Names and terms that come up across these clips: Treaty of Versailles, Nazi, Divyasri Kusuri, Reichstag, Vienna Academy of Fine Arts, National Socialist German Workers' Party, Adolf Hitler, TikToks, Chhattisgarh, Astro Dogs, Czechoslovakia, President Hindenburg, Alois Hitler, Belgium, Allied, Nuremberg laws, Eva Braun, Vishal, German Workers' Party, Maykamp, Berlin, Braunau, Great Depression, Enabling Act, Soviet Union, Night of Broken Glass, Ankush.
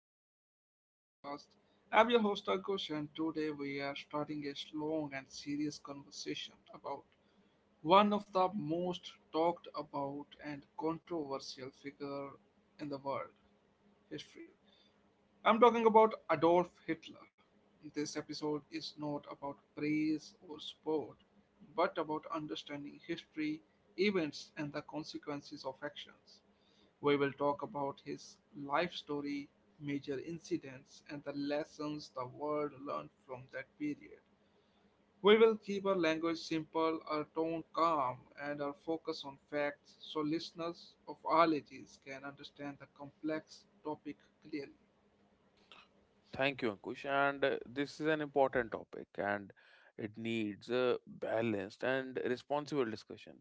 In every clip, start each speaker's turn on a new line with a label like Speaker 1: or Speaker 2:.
Speaker 1: of our history podcast. I'm your host Ankush, and today we are starting a long and serious conversation about one of the most talked about and controversial figure in the world history. I'm talking about Adolf Hitler. This episode is not about praise or sport, but about understanding history, events, and the consequences of actions. We will talk about his life story, major incidents, and the lessons the world learned from that period. We will keep our language simple, our tone calm, and our focus on facts so listeners of all ages can understand the complex topic clearly.
Speaker 2: Thank you, Ankush. And this is an important topic and it needs a balanced and responsible discussion.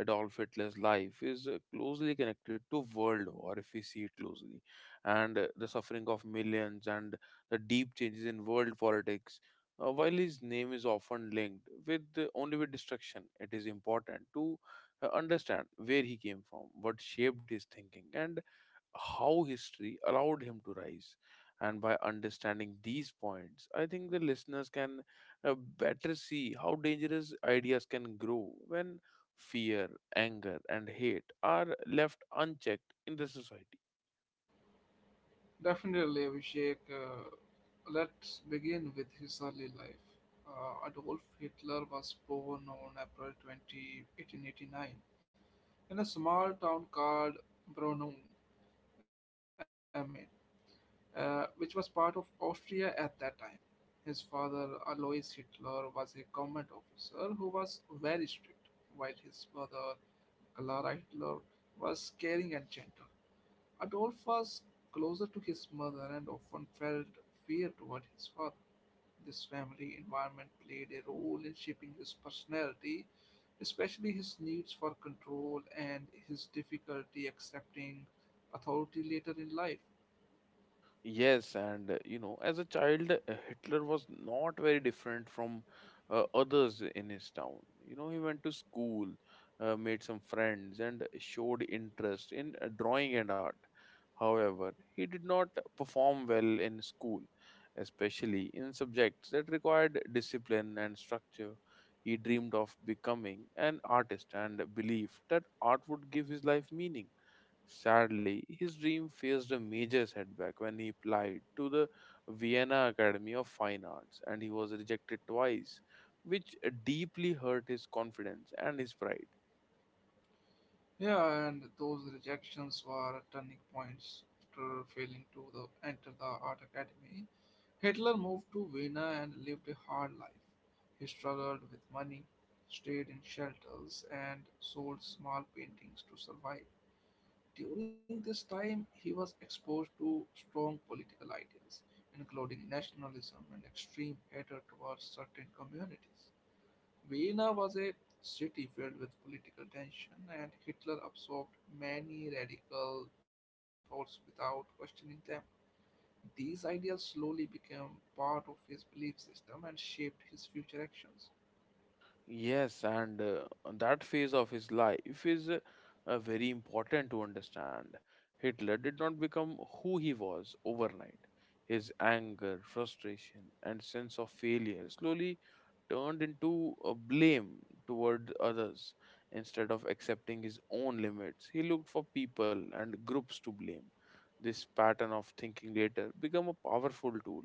Speaker 2: Adolf Hitler's life is closely connected to world war, if we see it closely, and the suffering of millions and the deep changes in world politics. While his name is often linked with only with destruction, it is important to understand where he came from, what shaped his thinking, and how history allowed him to rise. And by understanding these points, I think the listeners can better see how dangerous ideas can grow when fear, anger, and hate are left unchecked in the society.
Speaker 1: Definitely, Abhishek. Let's begin with his early life. Adolf Hitler was born on April 20, 1889, in a small town called Braunau, Maine which was part of Austria at that time. His father, Alois Hitler, was a government officer who was very strict, while his mother, Clara Hitler, was caring and gentle. Adolf was closer to his mother and often felt fear toward his father. This family environment played a role in shaping his personality, especially his needs for control and his difficulty accepting authority later in life.
Speaker 2: Yes, and as a child, Hitler was not very different from others in his town. You know, he went to school, made some friends, and showed interest in drawing and art. However, he did not perform well in school, especially in subjects that required discipline and structure. He dreamed of becoming an artist and believed that art would give his life meaning. Sadly, his dream faced a major setback when he applied to the Vienna Academy of Fine Arts and he was rejected twice, which deeply hurt his confidence and his pride.
Speaker 1: Yeah, and those rejections were turning points. After enter the art academy, Hitler moved to Vienna and lived a hard life. He struggled with money, stayed in shelters, and sold small paintings to survive. During this time, he was exposed to strong political ideas, including nationalism and extreme hatred towards certain communities. Vienna was a city filled with political tension, and Hitler absorbed many radical thoughts without questioning them. These ideas slowly became part of his belief system and shaped his future actions.
Speaker 2: Yes, and that phase of his life is very important to understand. Hitler did not become who he was overnight. His anger, frustration, and sense of failure slowly turned into a blame toward others. Instead of accepting his own limits, he looked for people and groups to blame. This pattern of thinking later became a powerful tool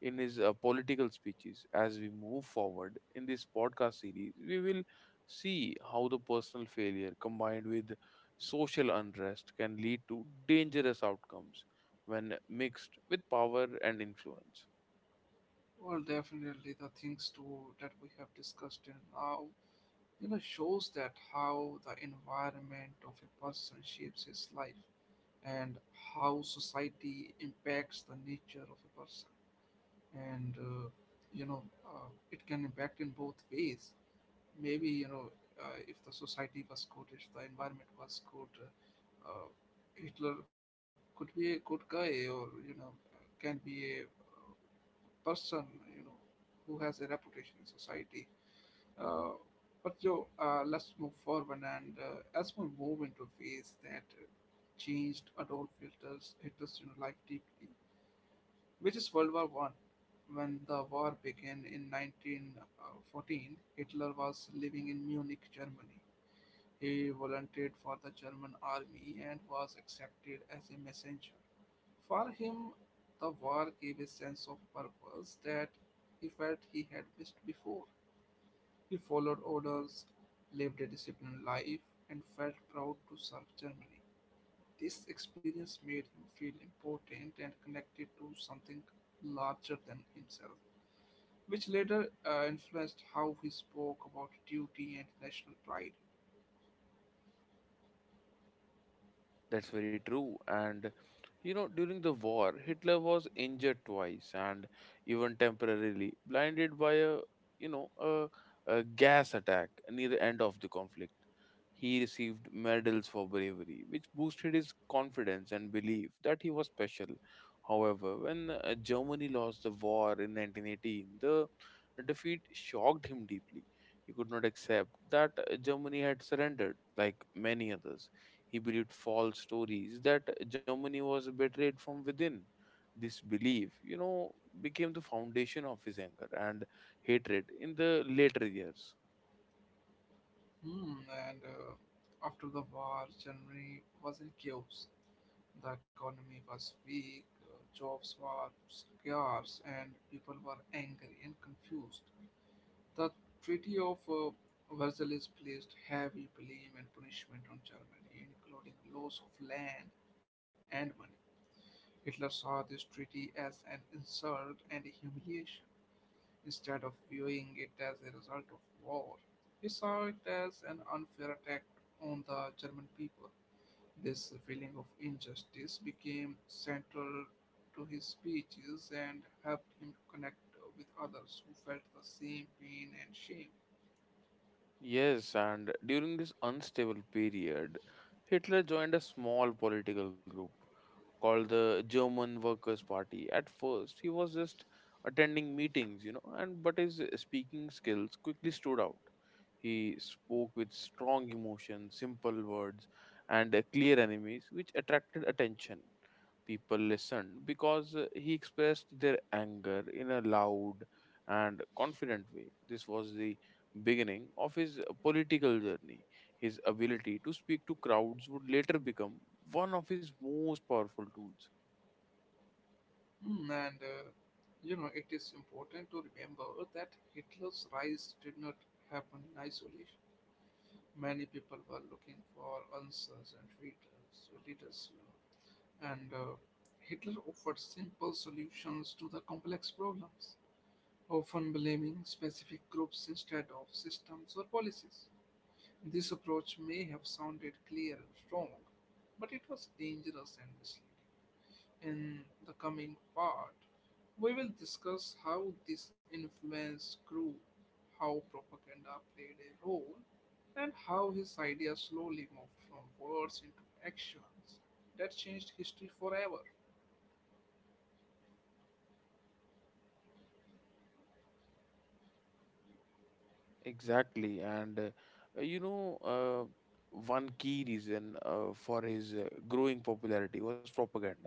Speaker 2: in his political speeches. As we move forward in this podcast series, we will see how the personal failure combined with social unrest can lead to dangerous outcomes when mixed with power and influence.
Speaker 1: Well, definitely, the things too that we have discussed till now, you know, shows that how the environment of a person shapes his life and how society impacts the nature of a person. And you know it can impact in both ways maybe you know, if the society was good, if the environment was good, hitler could be a good guy, or you know, can be a person, you know, who has a reputation in society. uh, but Joe, let's move forward and as we move into a phase that changed adult filters hitler's you know life deeply, which is World War One. When the war began in 1914, Hitler was living in Munich, Germany. He volunteered for the German army and was accepted as a messenger. For him, the war gave a sense of purpose that he felt he had missed before. He followed orders, lived a disciplined life, and felt proud to serve Germany. This experience made him feel important and connected to something larger than himself, which later influenced how he spoke about duty and national pride.
Speaker 2: That's very true. And you know, during the war, Hitler was injured twice and even temporarily blinded by a you know a gas attack near the end of the conflict. He received medals for bravery, which boosted his confidence and belief that he was special. However, when Germany lost the war in 1918, the defeat shocked him deeply. He could not accept that Germany had surrendered, like many others. He believed false stories that Germany was betrayed from within. This belief, you know, became the foundation of his anger and hatred in the later years.
Speaker 1: Hmm, and after the war, Germany was in chaos. The economy was weak, jobs were scarce, and people were angry and confused. The Treaty of Versailles placed heavy blame and punishment on Germany, including loss of land and money. Hitler saw this treaty as an insult and a humiliation instead of viewing it as a result of war. He saw it as an unfair attack on the German people. This feeling of injustice became central to his speeches and helped him connect with others who felt the same pain and shame.
Speaker 2: Yes, and during this unstable period, Hitler joined a small political group called the German Workers' Party. At first, he was just attending meetings, you know, and but his speaking skills quickly stood out. He spoke with strong emotion, simple words, and clear enemies, which attracted attention. People listened because he expressed their anger in a loud and confident way. This was the beginning of his political journey. His ability to speak to crowds would later become one of his most powerful tools.
Speaker 1: Hmm. And you know, it is important to remember that Hitler's rise did not happen in isolation. Many people were looking for answers and leaders, leaders you know. And Hitler offered simple solutions to the complex problems, often blaming specific groups instead of systems or policies. This approach may have sounded clear and strong, but it was dangerous and misleading. In the coming part, we will discuss how this influence grew, how propaganda played a role, and how his ideas slowly moved from words into actions that changed history forever.
Speaker 2: Exactly, uh, you know, uh, one key reason for his growing popularity was propaganda.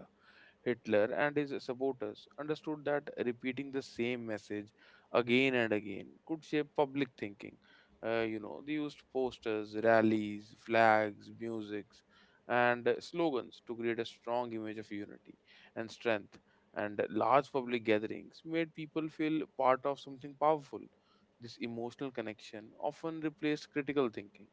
Speaker 2: Hitler and his supporters understood that repeating the same message again and again could shape public thinking. You know, they used posters, rallies, flags, musics, and slogans to create a strong image of unity and strength. And large public gatherings made people feel part of something powerful. This emotional connection often replaced critical thinking.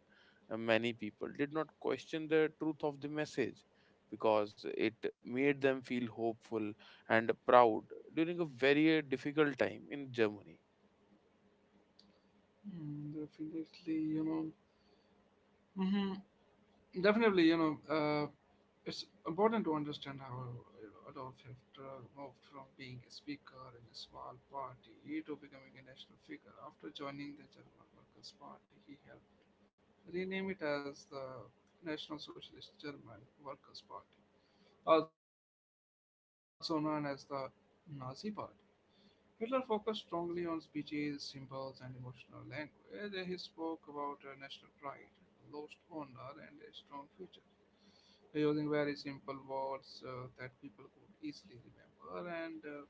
Speaker 2: And many people did not question the truth of the message because it made them feel hopeful and proud during a very difficult time in Germany.
Speaker 1: Hmm, definitely, you know. Mhm. Definitely, you know, it's important to understand how, you know, Adolf Hitler moved from being a speaker in a small party to becoming a national figure. After joining the German Workers' Party, he helped rename it as the National Socialist German Workers' Party, also known as the Nazi Party. Hitler focused strongly on speeches, symbols, and emotional language. He spoke about national pride, lost honor, and a strong future, using very simple words that people could easily remember. And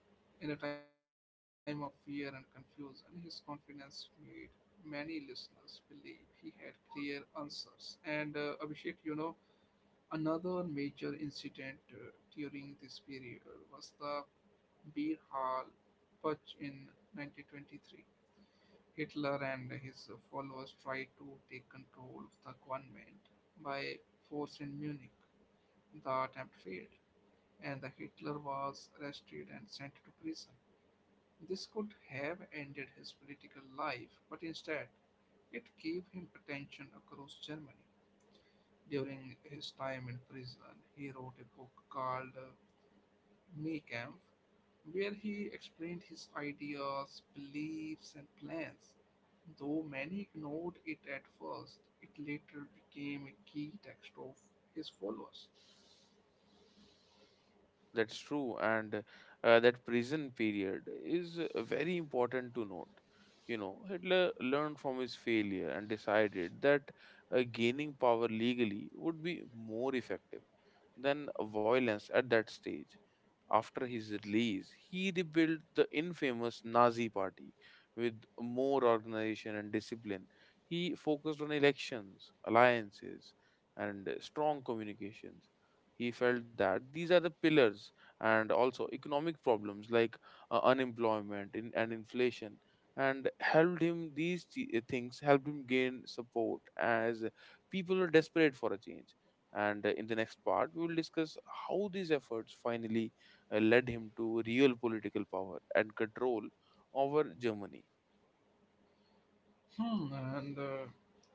Speaker 1: in a time of fear and confusion, his confidence made many listeners believe he had clear answers. And Abhishek, you know, another major incident during this period was the Beer Hall Putsch in 1923. Hitler and his followers tried to take control of the government by force in Munich. The attempt failed, and the Hitler was arrested and sent to prison. This could have ended his political life, but instead, it gave him attention across Germany. During his time in prison, he wrote a book called Maykamp, where he explained his ideas, beliefs, and plans. Though many ignored it at first, it later became a key text of his followers.
Speaker 2: That's true, and that prison period is very important to note. You know, Hitler learned from his failure and decided that gaining power legally would be more effective than violence at that stage. After his release, he rebuilt the infamous Nazi party with more organization and discipline. He focused on elections, alliances, and strong communications. He felt that these are the pillars, and also economic problems like unemployment in, and inflation and helped him these things helped him gain support as people are desperate for a change, and in the next part we will discuss how these efforts finally led him to real political power and control over Germany.
Speaker 1: Hmm, and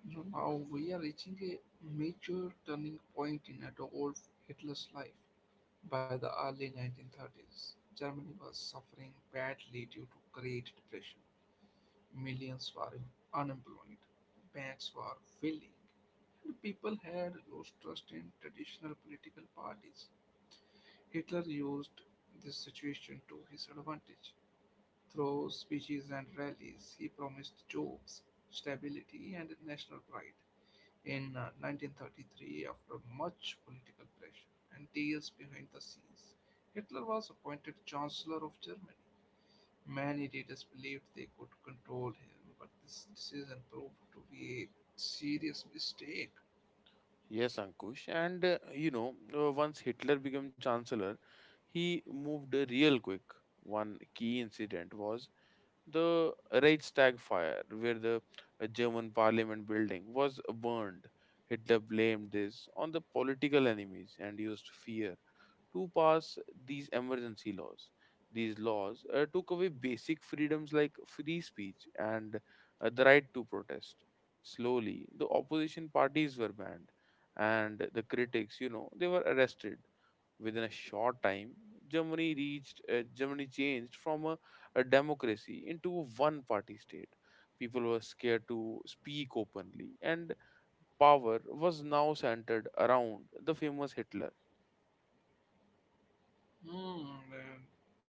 Speaker 1: you know, now we are reaching a major turning point in Adolf Hitler's life. By the early 1930s, Germany was suffering badly due to Great Depression. Millions were unemployed, banks were failing, and people had lost trust in traditional political parties. Hitler used this situation to his advantage. Through speeches and rallies, he promised jobs, stability, and national pride. In 1933, after much political pressure and deals behind the scenes, Hitler was appointed Chancellor of Germany. Many leaders believed they could control him, but this decision proved to be a serious mistake.
Speaker 2: Yes, Ankush. And once Hitler became chancellor, he moved real quick. One key incident was the Reichstag fire, where the German parliament building was burned. Hitler blamed this on the political enemies and used fear to pass these emergency laws. These laws took away basic freedoms like free speech and the right to protest. Slowly, the opposition parties were banned, and the critics, you know, they were arrested. Within a short time, Germany changed from a democracy into a one party state. People were scared to speak openly, and power was now centered around the famous Hitler.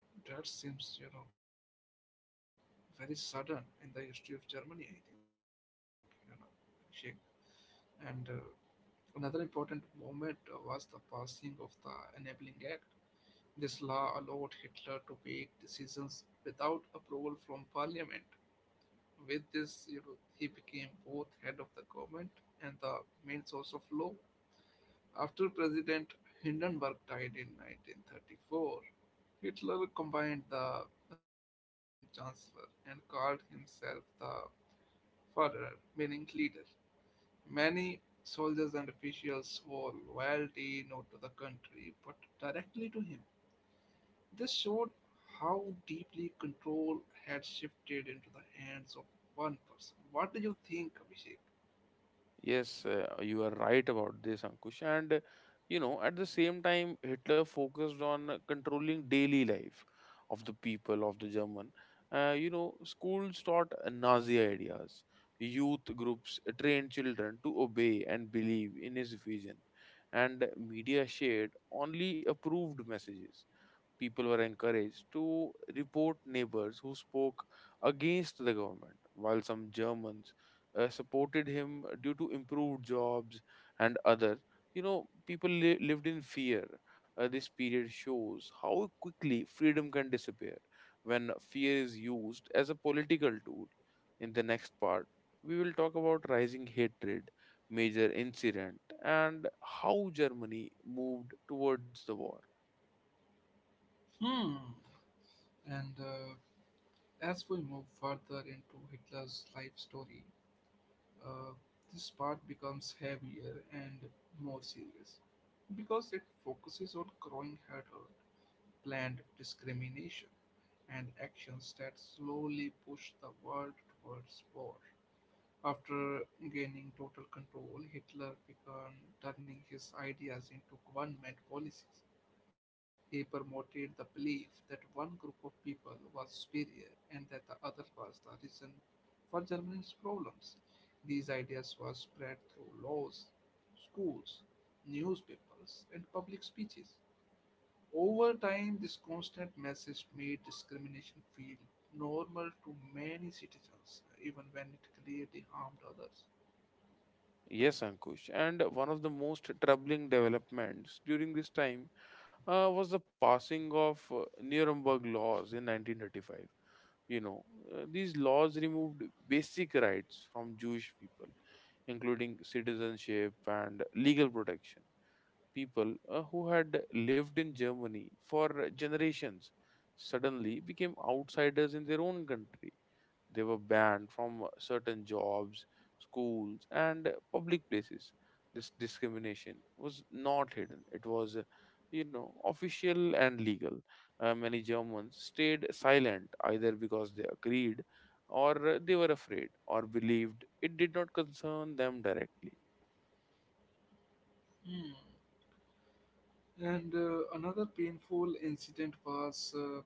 Speaker 1: Hmm, and that seems, you know, very sudden in the history of Germany, I think, you know, Abhishek. And another important moment was the passing of the Enabling Act. This law allowed Hitler to make decisions without approval from parliament. With this, you know, he became both head of the government and the main source of law. After President Hindenburg died in 1934, Hitler combined the roles of president and chancellor and called himself the Führer, meaning leader. Many soldiers and officials swore loyalty not to the country but directly to him. This showed how deeply control had shifted into the hands of one person. What do you think, Abhishek?
Speaker 2: Yes, you are right about this, Ankush. And you know, at the same time, Hitler focused on controlling daily life of the people of the German. You know, schools taught Nazi ideas. Youth groups trained children to obey and believe in his vision, and media shared only approved messages. People were encouraged to report neighbors who spoke against the government, while some Germans supported him due to improved jobs and other. You know, people lived in fear. This period shows how quickly freedom can disappear when fear is used as a political tool. In the next part, we will talk about rising hatred, major incident, and how Germany moved towards the war.
Speaker 1: Hmm. And as we move further into Hitler's life story, uh, this part becomes heavier and more serious because it focuses on growing hatred, planned discrimination, and actions that slowly push the world towards war. After gaining total control, Hitler began turning his ideas into government policies. He promoted the belief that one group of people was superior and that the other was the reason for Germany's problems. These ideas were spread through laws, schools, newspapers, and public speeches. Over time, this constant message made discrimination feel normal to many citizens, even when it clearly harmed others.
Speaker 2: Yes, Ankush. And one of the most troubling developments during this time was the passing of Nuremberg laws in 1935. You know, these laws removed basic rights from Jewish people, including citizenship and legal protection. People who had lived in Germany for generations suddenly became outsiders in their own country. They were banned from certain jobs, schools, and public places. This discrimination was not hidden, it was, official and legal. Many Germans stayed silent either because they agreed or they were afraid or believed it did not concern them directly.
Speaker 1: Hmm. And another painful incident was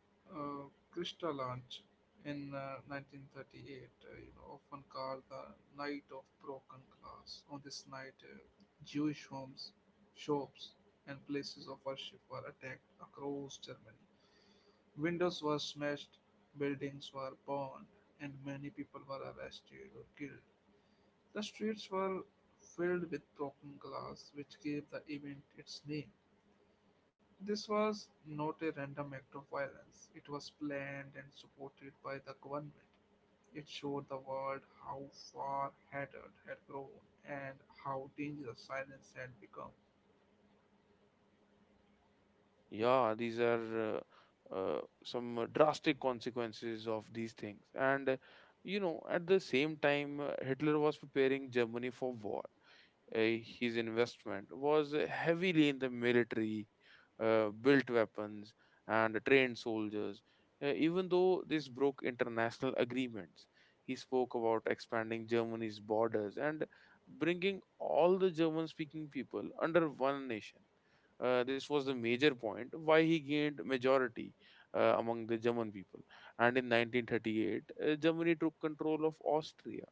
Speaker 1: uh, Krista launch in 1938, you know, often called the Night of Broken Glass. On this night, Jewish homes, shops, and places of worship were attacked across Germany. Windows were smashed, buildings were burned, and many people were arrested or killed. The streets were filled with broken glass, which gave the event its name. This was not a random act of violence, it was planned and supported by the government. It showed the world how far hatred had grown and how dangerous silence had become.
Speaker 2: Yeah, these are. Uh, some drastic consequences of these things, and you know, at the same time, hitler was preparing germany for war. His investment was heavily in the military, built weapons, and trained soldiers. Even though this broke international agreements, he spoke about expanding Germany's borders and bringing all the German speaking people under one nation. This was the major point why he gained majority among the German people. And in 1938, Germany took control of Austria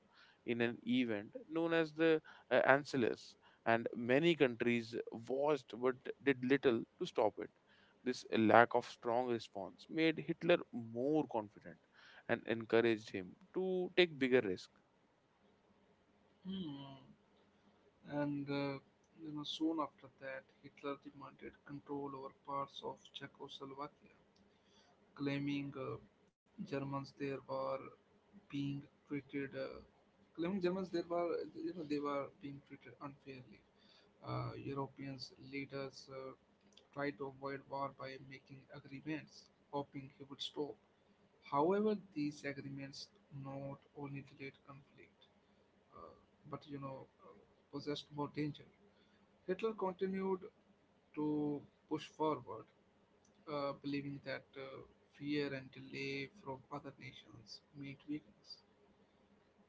Speaker 2: in an event known as the ancillars, and many countries watched but did little to stop it. This lack of strong response made Hitler more confident and encouraged him to take bigger risks.
Speaker 1: Hmm. And you know, soon after that, Hitler demanded control over parts of Czechoslovakia, claiming uh, Germans there were being treated, uh, claiming Germans there were, you know, they were being treated unfairly. European leaders tried to avoid war by making agreements, hoping he would stop. However, these agreements not only delayed conflict, uh, but you know, possessed more danger. Hitler continued to push forward, believing that fear and delay from other nations meant weakness.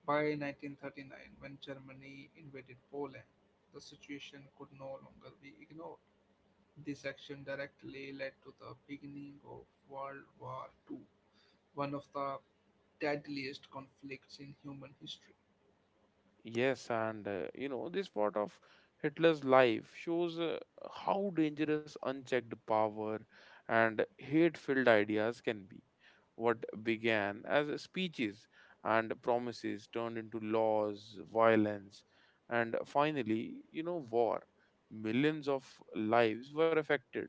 Speaker 1: By 1939, when Germany invaded Poland, the situation could no longer be ignored. This action directly led to the beginning of World War II, one of the deadliest conflicts in human history.
Speaker 2: Yes, and this part of Hitler's life shows how dangerous unchecked power and hate-filled ideas can be. What began as speeches and promises turned into laws, violence, and finally, you know, war. Millions of lives were affected,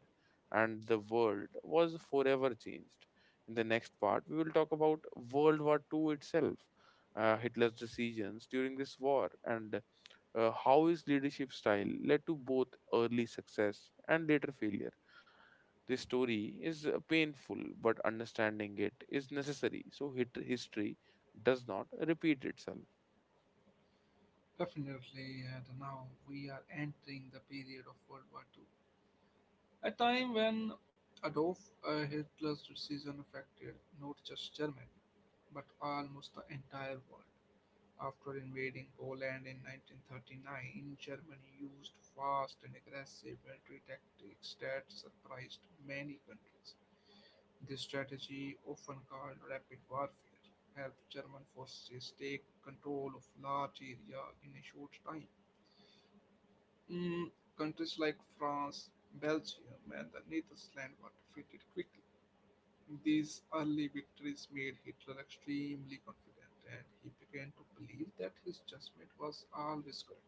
Speaker 2: and the world was forever changed. In the next part, we will talk about World War Two itself. Hitler's decisions during this war, and how his leadership style led to both early success and later failure. This story is painful, but understanding it is necessary so history does not repeat itself.
Speaker 1: Definitely, and now we are entering the period of World War II, a time when Adolf Hitler's decision affected not just Germany, but almost the entire world. After invading Poland in 1939, Germany used fast and aggressive military tactics that surprised many countries. This strategy, often called rapid warfare, helped German forces take control of large areas in a short time. Mm, countries like France, Belgium, and the Netherlands were defeated quickly. These early victories made Hitler extremely confident and he began to believe that his judgment was always correct.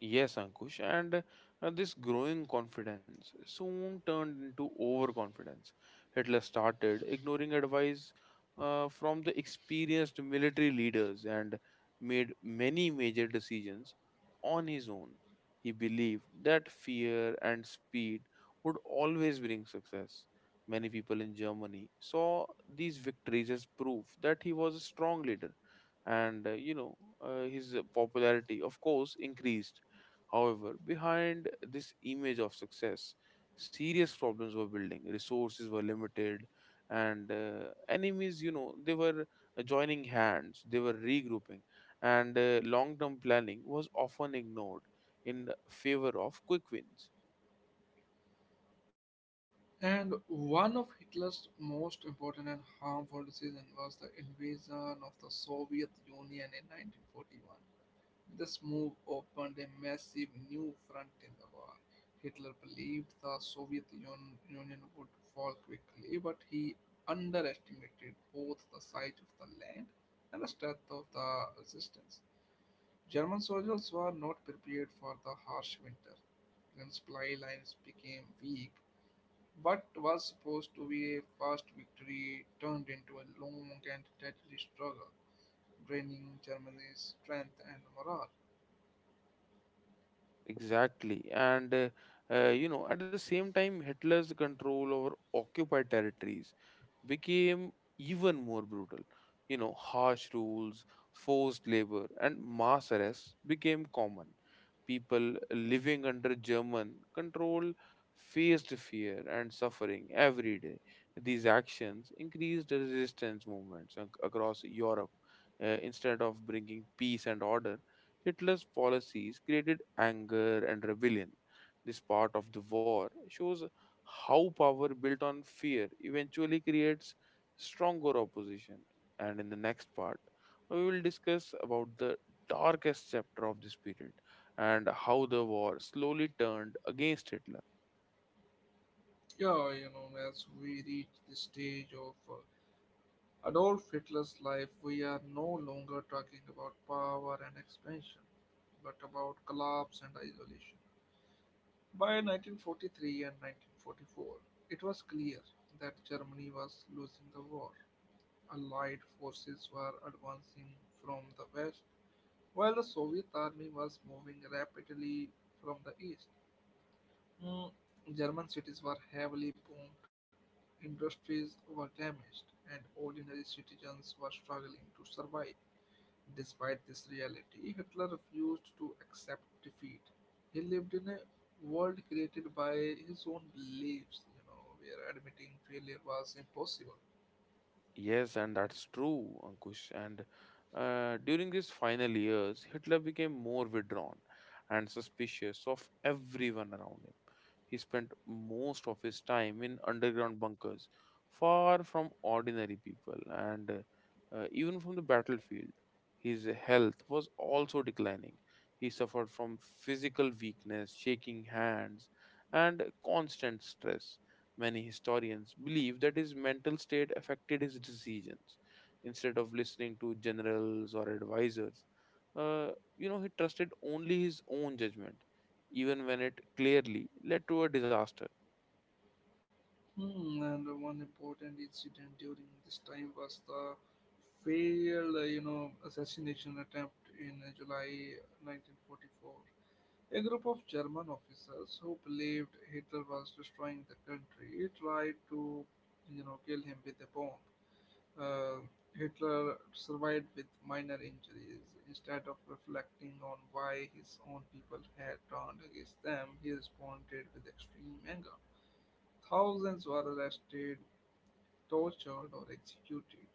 Speaker 2: Yes, Ankush, and this growing confidence soon turned into overconfidence. Hitler started ignoring advice from the experienced military leaders and made many major decisions on his own. He believed that fear and speed would always bring success. Many people in Germany saw these victories as proof that he was a strong leader, and his popularity, of course, increased. However, behind this image of success, serious problems were building. Resources were limited, and enemies, you know, they were joining hands, they were regrouping, and long term planning was often ignored in favor of quick wins.
Speaker 1: And one of Hitler's most important and harmful decisions was the invasion of the Soviet Union in 1941. This move opened a massive new front in the war. Hitler believed the Union would fall quickly, but he underestimated both the size of the land and the strength of the resistance. German soldiers were not prepared for the harsh winter, and supply lines became weak. What was supposed to be a fast victory turned into a long and deadly struggle, draining Germany's strength and morale.
Speaker 2: Exactly. And at the same time, Hitler's control over occupied territories became even more brutal. You know, harsh rules, forced labor, and mass arrests became common. People living under German control faced fear and suffering every day. These actions increased the resistance movements across Europe. Instead of bringing peace and order, Hitler's policies created anger and rebellion. This part of the war shows how power built on fear eventually creates stronger opposition, and in the next part we will discuss about the darkest chapter of this period and how the war slowly turned against hitler.
Speaker 1: Yeah, you know, as we reach the stage of Adolf Hitler's life, we are no longer talking about power and expansion, but about collapse and isolation. By 1943 and 1944, it was clear that Germany was losing the war. Allied forces were advancing from the west, while the Soviet army was moving rapidly from the east. Mm, German cities were heavily boomed, industries were damaged, and ordinary citizens were struggling to survive. Despite this reality, Hitler refused to accept defeat. He lived in a world created by his own beliefs, you know, where admitting failure was impossible.
Speaker 2: Yes, and that's true, Ankush, and during his final years hitler became more withdrawn and suspicious of everyone around him. He spent most of his time in underground bunkers, far from ordinary people and even from the battlefield. His health was also declining. He suffered from physical weakness, shaking hands, and constant stress. Many historians believe that his mental state affected his decisions. Instead of listening to generals or advisors, uh, you know, he trusted only his own judgment, even when it clearly led to a disaster.
Speaker 1: Hmm, and one important incident during this time was the failed, you know, assassination attempt in July 1944. A group of German officers who believed Hitler was destroying the country tried to, you know, kill him with a bomb. Uh, Hitler survived with minor injuries. Instead of reflecting on why his own people had turned against them, he responded with extreme anger. Thousands were arrested, tortured, or executed.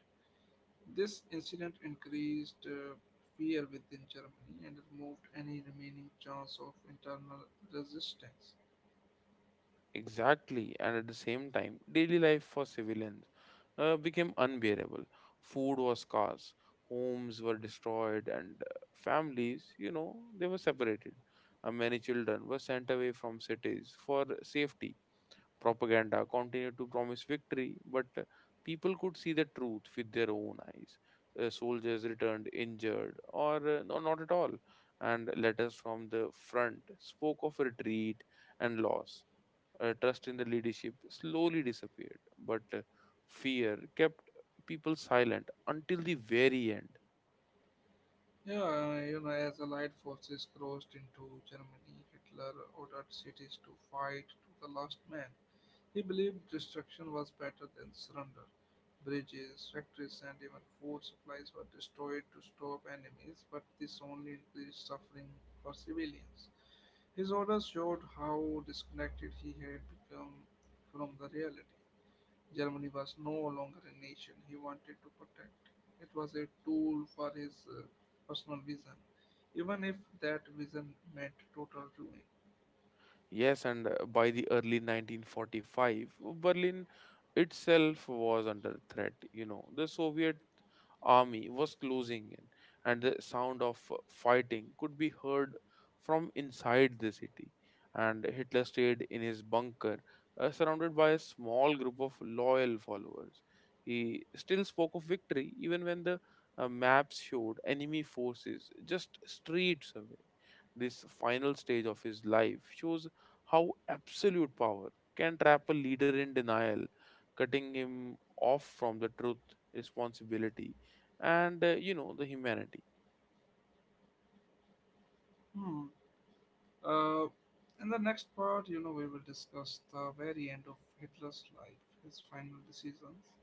Speaker 1: This incident increased fear within Germany and removed any remaining chance of internal resistance.
Speaker 2: Exactly, and at the same time, daily life for civilians became unbearable. Food was scarce, homes were destroyed, and families, you know, they were separated. Many children were sent away from cities for safety. Propaganda continued to promise victory, but people could see the truth with their own eyes. Soldiers returned injured, or no, not at all, and letters from the front spoke of retreat and loss. Trust in the leadership slowly disappeared, but fear kept people silent until the very end.
Speaker 1: Yeah, you know, as Allied forces crossed into Germany, Hitler ordered cities to fight to the last man. He believed destruction was better than surrender. Bridges, factories, and even food supplies were destroyed to stop enemies, but this only increased suffering for civilians. His orders showed how disconnected he had become from the reality. Germany was no longer a nation he wanted to protect. It was a tool for his personal vision, even if that vision meant total ruin.
Speaker 2: Yes, and by the early 1945, Berlin itself was under threat. You know, the Soviet army was closing in, and the sound of fighting could be heard from inside the city. And Hitler stayed in his bunker, surrounded by a small group of loyal followers. He still spoke of victory even when the maps showed enemy forces just streets away. This final stage of his life shows how absolute power can trap a leader in denial, cutting him off from the truth, responsibility, and you know, the humanity.
Speaker 1: Hmm. Uh, in the next part, you know, we will discuss the very end of Hitler's life, his final decisions,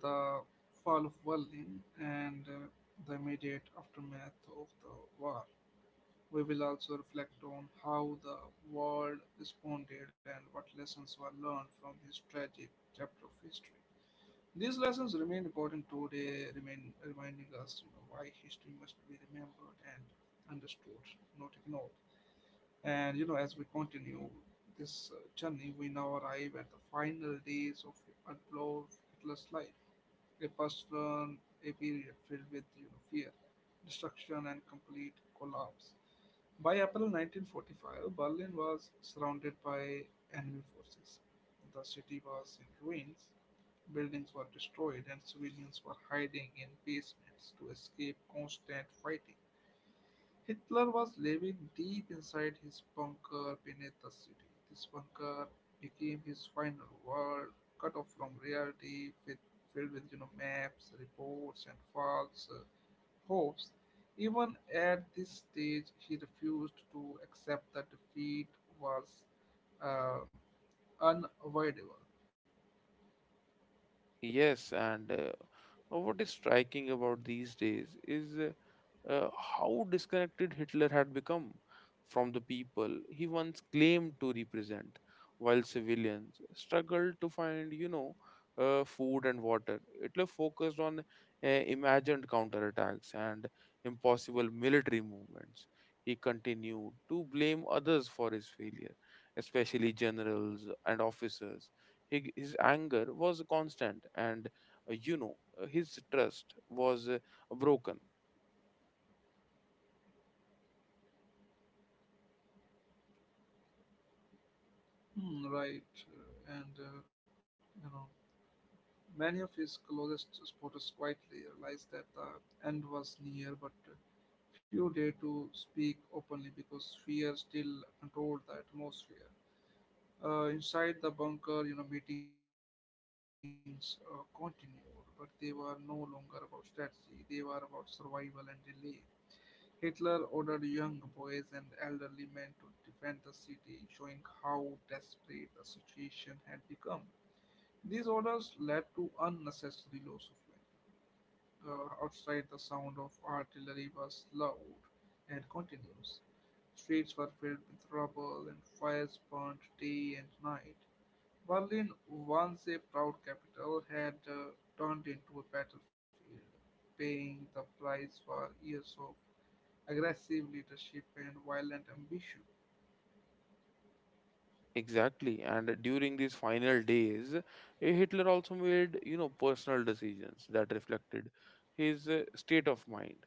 Speaker 1: the fall of Berlin, and the immediate aftermath of the war. We will also reflect on how the world responded and what lessons were learned from this tragic chapter of history. These lessons remain important today, remain reminding us, you know, why history must be remembered and understood, not ignored. And you know, as we continue this journey, we now arrive at the final days of Adolf Hitler's life, a personal, a period filled with, you know, fear, destruction, and complete collapse. By April 1945, Berlin was surrounded by enemy forces. The city was in ruins, buildings were destroyed, and civilians were hiding in basements to escape constant fighting. Hitler was living deep inside his bunker beneath the city. This bunker became his final world, cut off from reality, with, filled with, you know, maps, reports, and false hopes. Even at this stage, he refused to accept that defeat was uh, unavoidable.
Speaker 2: Yes, and what is striking about these days is uh, how disconnected Hitler had become from the people he once claimed to represent, while civilians struggled to find, you know, food and water. Hitler focused on imagined counterattacks and impossible military movements. He continued to blame others for his failure, especially generals and officers. His anger was constant, and his trust was broken.
Speaker 1: Hmm, right, and you know, many of his closest supporters quietly realized that the end was near, but few dared to speak openly because fear still controlled the atmosphere. Inside the bunker, you know, meetings continued, but they were no longer about strategy. They were about survival and relief. Hitler ordered young boys and elderly men to defend the city, showing how desperate the situation had become. These orders led to unnecessary loss of life. Outside, the sound of artillery was loud and continuous. Streets were filled with rubble and fires burned day and night. Berlin, once a proud capital, had turned into a battlefield, paying the price for years of aggressive leadership and violent ambition.
Speaker 2: Exactly. And during these final days, Hitler also made, you know, personal decisions that reflected his state of mind.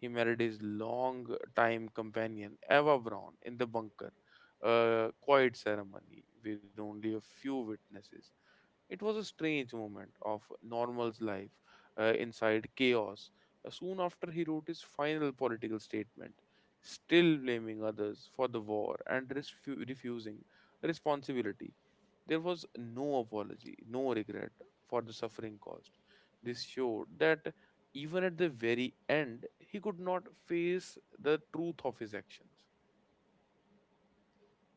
Speaker 2: He married his long time companion, Eva Braun, in the bunker, a quiet ceremony with only a few witnesses. It was a strange moment of normal's life inside chaos. Soon after, he wrote his final political statement, still blaming others for the war and refusing responsibility. There was no apology, no regret for the suffering caused. This showed that even at the very end, he could not face the truth of his actions.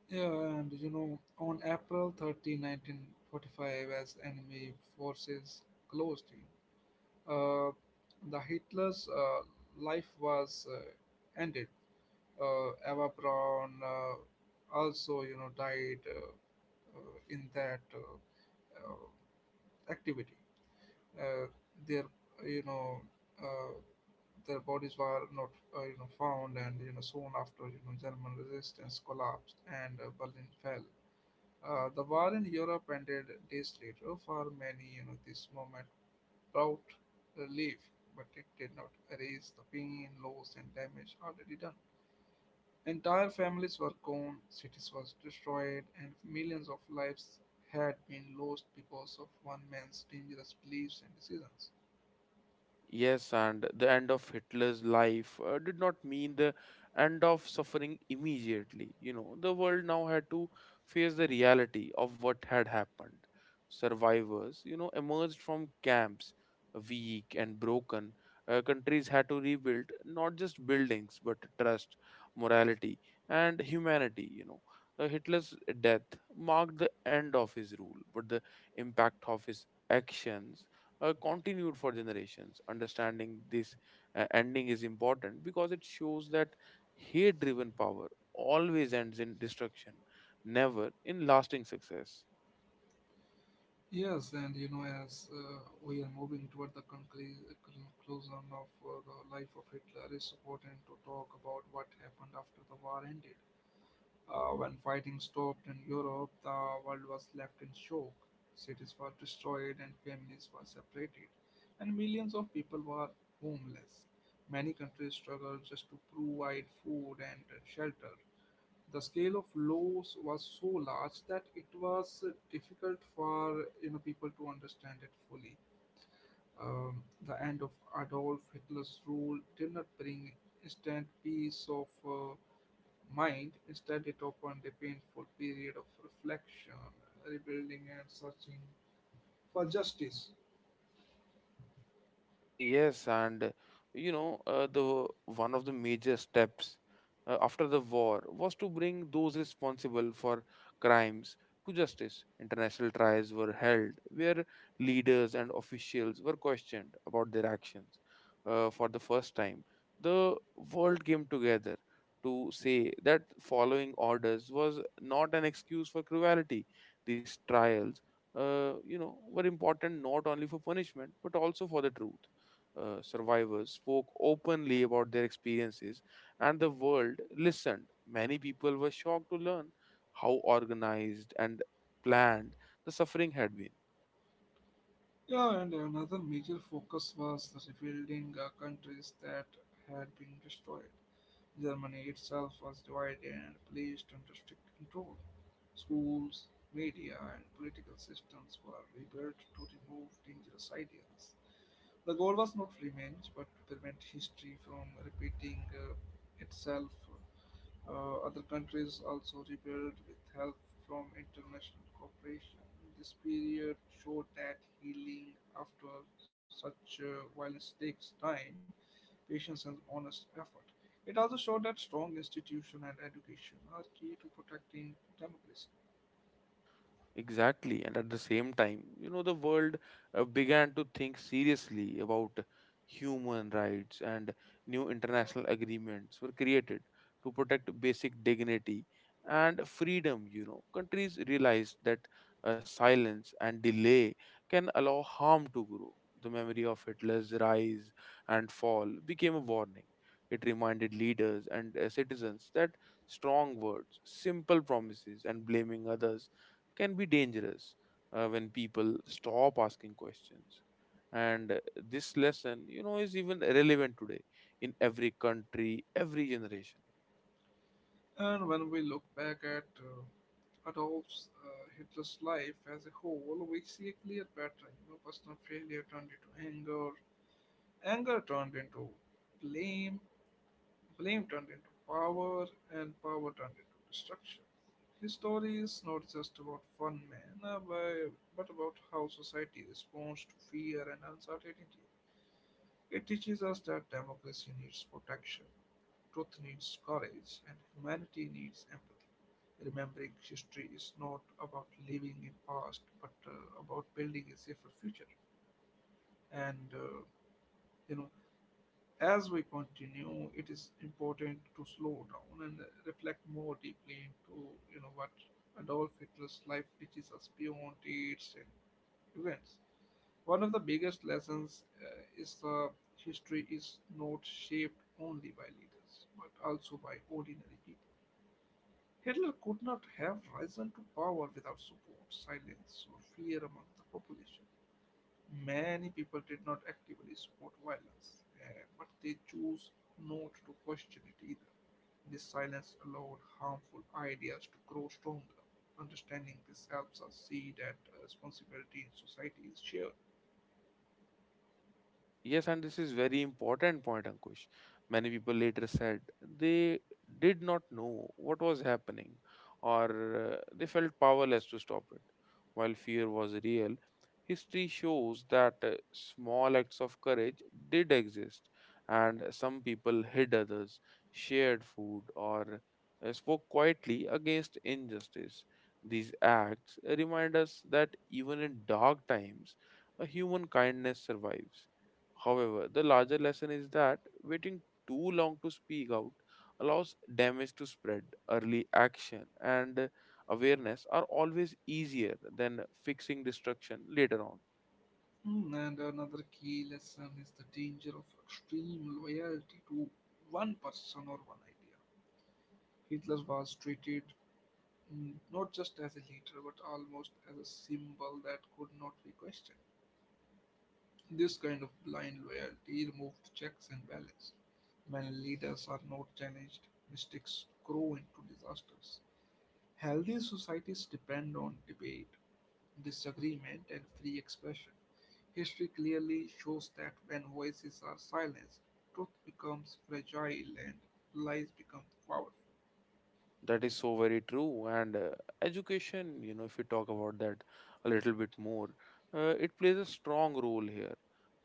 Speaker 1: Yeah, and you know, on April 30, 1945, as enemy forces closed in, uh, the Hitler's life was ended. Eva Braun also, you know, died in that activity. uh, their you know uh, their bodies were not you know found, and you know soon after, you know, German resistance collapsed and Berlin fell. The war in Europe ended days later. For many, you know, this moment brought relief, but it did not erase the pain, loss, and damage already done. Entire families were gone, cities were destroyed, and millions of lives had been lost because of one man's dangerous beliefs and decisions.
Speaker 2: Yes, and the end of Hitler's life did not mean the end of suffering immediately. You know, the world now had to face the reality of what had happened. Survivors, you know, emerged from camps, weak and broken. Countries had to rebuild not just buildings, but trust, morality, and humanity. You know, Hitler's death marked the end of his rule, but the impact of his actions continued for generations. Understanding this ending is important because it shows that hate driven power always ends in destruction, never in lasting success.
Speaker 1: Yes, and you know, as we are moving toward the conclusion of the life of Hitler, it's important to talk about what happened after the war ended. When fighting stopped in Europe, the world was left in shock. Cities were destroyed and families were separated, and millions of people were homeless. Many countries struggled just to provide food and shelter. The scale of loss was so large that it was difficult for, you know, people to understand it fully. The end of Adolf Hitler's rule did not bring instant peace of mind. Instead, it opened a painful period of reflection, rebuilding, and searching for justice.
Speaker 2: Yes, and you know, the one of the major steps after the war was to bring those responsible for crimes to justice. International trials were held where leaders and officials were questioned about their actions. For the first time, the world came together to say that following orders was not an excuse for cruelty. These trials, you know, were important not only for punishment but also for the truth. Survivors spoke openly about their experiences, and the world listened. Many people were shocked to learn how organized and planned the suffering had been.
Speaker 1: Yeah, and another major focus was the rebuilding countries that had been destroyed. Germany itself was divided and placed under strict control. Schools, media, and political systems were rebuilt to remove dangerous ideas. The goal was not revenge, but to prevent history from repeating itself. Other countries also rebelled with help from international cooperation. This period showed that healing after such violence takes time, patience, and honest effort. It also showed that strong institution and education are key to protecting democracy.
Speaker 2: Exactly. And at the same time, you know, the world began to think seriously about human rights, and new international agreements were created to protect basic dignity and freedom. You know, countries realized that silence and delay can allow harm to grow. The memory of Hitler's rise and fall became a warning. It reminded leaders and citizens that strong words, simple promises, and blaming others can be dangerous when people stop asking questions, and this lesson, you know, is even relevant today, in every country, every generation.
Speaker 1: And when we look back at Adolf uh, Hitler's life as a whole, we see a clear pattern. You know, personal failure turned into anger, anger turned into blame, blame turned into power, and power turned into destruction. His story is not just about one man, but about how society responds to fear and uncertainty. It teaches us that democracy needs protection, truth needs courage, and humanity needs empathy. Remembering history is not about living in past, but about building a safer future. And uh, you know, As we continue, it is important to slow down and reflect more deeply into, you know, what Adolf Hitler's life teaches us beyond dates and events. One of the biggest lessons is the history is not shaped only by leaders but also by ordinary people. Hitler could not have risen to power without support, silence, or fear among the population. Many people did not actively support violence, but they chose not to question it either. This silence allowed harmful ideas to grow stronger. Understanding this helps us see that responsibility in society is shared.
Speaker 2: Yes, and this is very important point, Ankush. Many people later said they did not know what was happening, or they felt powerless to stop it. While fear was real, history shows that small acts of courage did exist, and some people hid others, shared food, or spoke quietly against injustice. These acts remind us that even in dark times, a human kindness survives. However, the larger lesson is that waiting too long to speak out allows damage to spread. Early action and awareness are always easier than fixing destruction later on.
Speaker 1: Hmm, and another key lesson is the danger of extreme loyalty to one person or one idea. Hitler was treated, not just as a leader but almost as a symbol that could not be questioned. This kind of blind loyalty removes checks and balance. When leaders are not challenged, mistakes grow into disasters. Healthy societies depend on debate, disagreement, and free expression. History clearly shows that when voices are silenced, truth becomes fragile and lies become powerful.
Speaker 2: That is so very true. And education, you know, if we talk about that a little bit more, it plays a strong role here.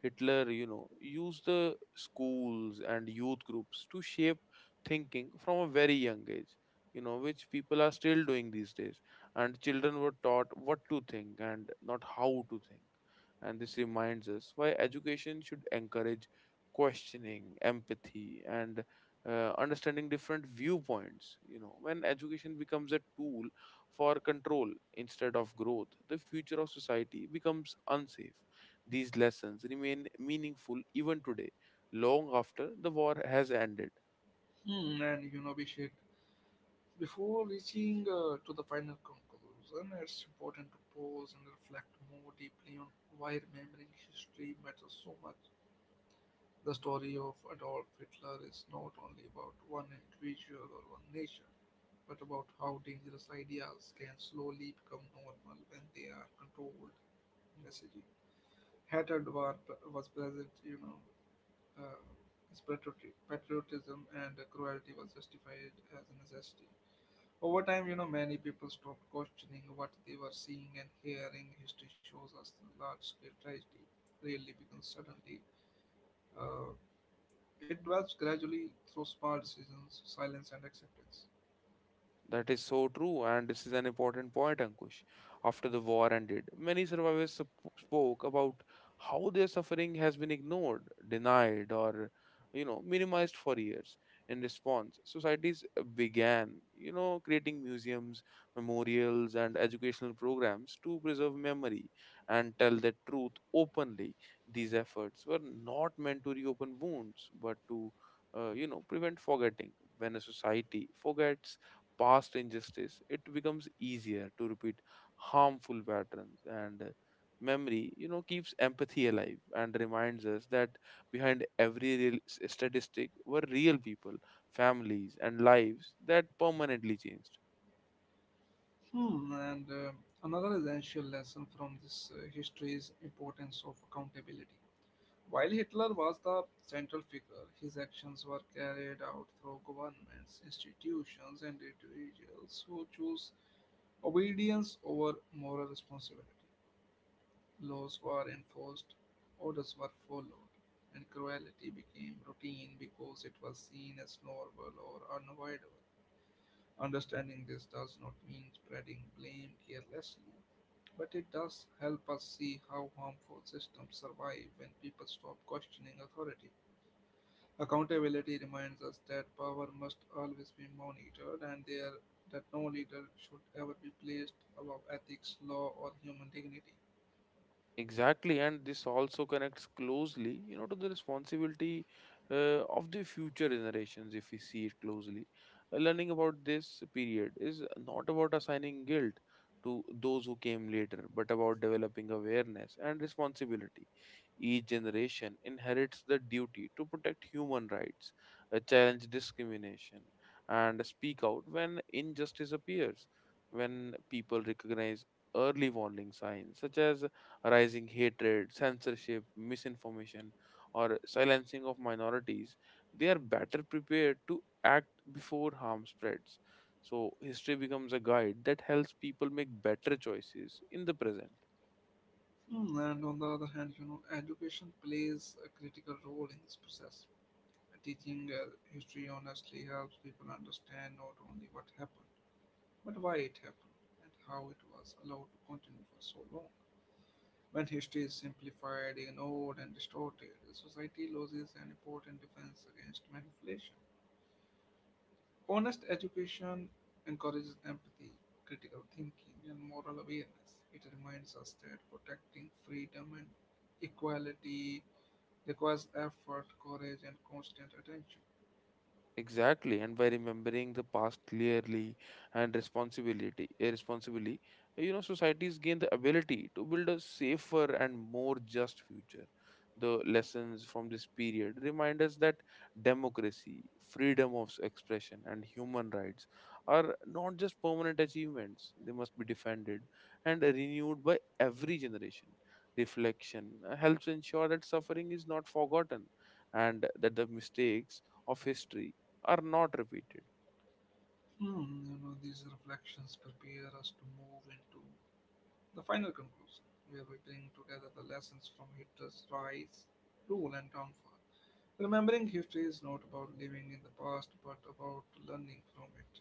Speaker 2: Hitler, you know, used the schools and youth groups to shape thinking from a very young age, you know, which people are still doing these days. And children were taught what to think and not how to think. And this reminds us why education should encourage questioning, empathy, and understanding different viewpoints. You know, when education becomes a tool for control instead of growth, the future of society becomes unsafe. These lessons remain meaningful even today, long after the war has ended.
Speaker 1: Hmm, and you know, Abhishek, before reaching to the final conclusion, it's important to pause and reflect more deeply on why remembering history matters so much. The story of Adolf Hitler is not only about one individual or one nation, but about how dangerous ideas can slowly become normal when they are controlled messaging. Hatred war was present, you know, uh, as patriotism and cruelty was justified as a necessity. Over time, you know, many people stopped questioning what they were seeing and hearing. History shows us the large scale tragedy rarely begins suddenly. Uh, it develops gradually through small decisions, silence, and acceptance.
Speaker 2: That is so true, and this is an important point, Ankush. After the war ended, many survivors spoke about how their suffering has been ignored, denied, or you know, minimized for years. In response, societies began, you know, creating museums, memorials, and educational programs to preserve memory and tell the truth openly. These efforts were not meant to reopen wounds, but to, you know, prevent forgetting. When a society forgets, past injustice, it becomes easier to repeat harmful patterns, and memory, you know, keeps empathy alive and reminds us that behind every real statistic were real people, families, and lives that permanently changed.
Speaker 1: Hmm, and another essential lesson from this history is importance of accountability. While Hitler was the central figure, his actions were carried out through governments, institutions, and individuals who chose obedience over moral responsibility. Laws were enforced, orders were followed, and cruelty became routine because it was seen as normal or unavoidable. Understanding this does not mean spreading blame carelessly, but it does help us see how harmful systems survive when people stop questioning authority. Accountability reminds us that power must always be monitored and there, that no leader should ever be placed above ethics, law, or human dignity.
Speaker 2: Exactly, and this also connects closely, you know, to the responsibility of the future generations. If we see it closely, learning about this period is not about assigning guilt to those who came later, but about developing awareness and responsibility. Each generation inherits the duty to protect human rights, challenge discrimination, and speak out when injustice appears. When people recognize early warning signs, such as rising hatred, censorship, misinformation, or silencing of minorities, they are better prepared to act before harm spreads. So, history becomes a guide that helps people make better choices in the present.
Speaker 1: Hmm, and on the other hand, you know, education plays a critical role in this process. Teaching history honestly helps people understand not only what happened, but why it happened and how it was allowed to continue for so long. When history is simplified, ignored, and distorted, society loses an important defense against manipulation. Honest education encourages empathy, critical thinking, and moral awareness. It reminds us that protecting freedom and equality requires effort, courage, and constant attention.
Speaker 2: Exactly, and by remembering the past clearly and responsibility, responsibly, you know, societies gain the ability to build a safer and more just future. The lessons from this period remind us that democracy, freedom of expression, and human rights are not just permanent achievements; they must be defended and renewed by every generation. Reflection helps ensure that suffering is not forgotten, and that the mistakes of history are not repeated.
Speaker 1: Hmm, you know, these reflections prepare us to move into the final conclusion, where we bring together the lessons from Hitler's rise, rule, and downfall. Remembering history is not about living in the past, but about learning from it.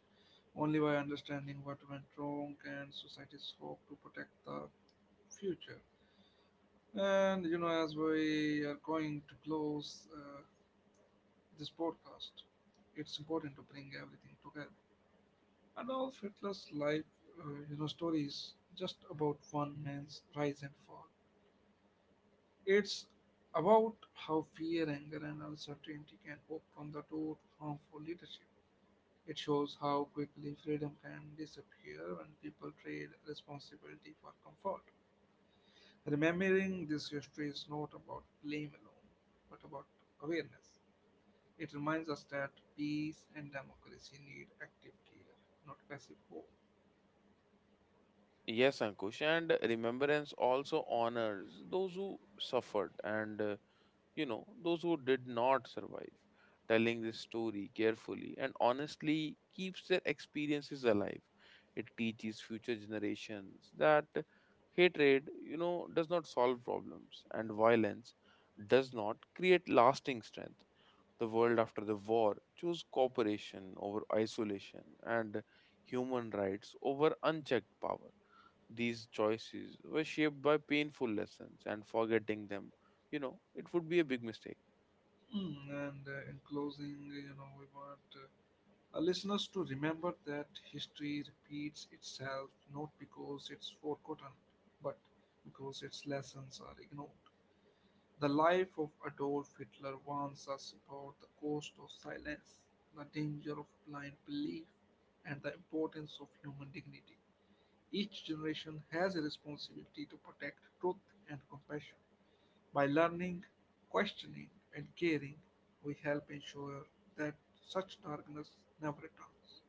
Speaker 1: Only by understanding what went wrong can societies hope to protect the future. And you know, as we are going to close this podcast, it's important to bring everything together. Adolf Hitler's life, you know, story is just about one man's rise and fall. It's about how fear, anger, and uncertainty can open the door to harmful leadership. It shows how quickly freedom can disappear when people trade responsibility for comfort. Remembering this history is not about blame alone, but about awareness. It reminds us that peace and democracy need active care, not passive hope.
Speaker 2: Yes, Ankush, and remembrance also honors those who suffered and, you know, those who did not survive. Telling this story carefully and honestly keeps their experiences alive. It teaches future generations that hatred, you know, does not solve problems, and violence does not create lasting strength. The world after the war chose cooperation over isolation, and human rights over unchecked power. These choices were shaped by painful lessons, and forgetting them, you know, it would be a big mistake.
Speaker 1: Hmm, and in closing, you know, we want our listeners to remember that history repeats itself not because it's forgotten, but because its lessons are ignored. The life of Adolf Hitler warns us about the cost of silence, the danger of blind belief, and the importance of human dignity. Each generation has a responsibility to protect truth and compassion. By learning, questioning, and caring, we help ensure that such darkness never returns.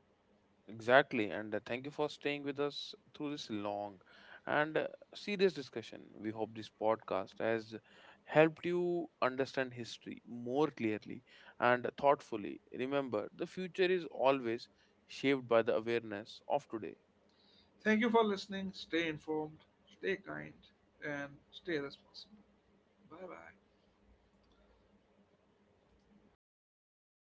Speaker 2: Exactly, and thank you for staying with us through this long and serious discussion. We hope this podcast has helped you understand history more clearly and thoughtfully. Remember, the future is always shaped by the awareness of today.
Speaker 1: Thank you for listening. Stay informed, stay kind, and stay responsible. Bye bye.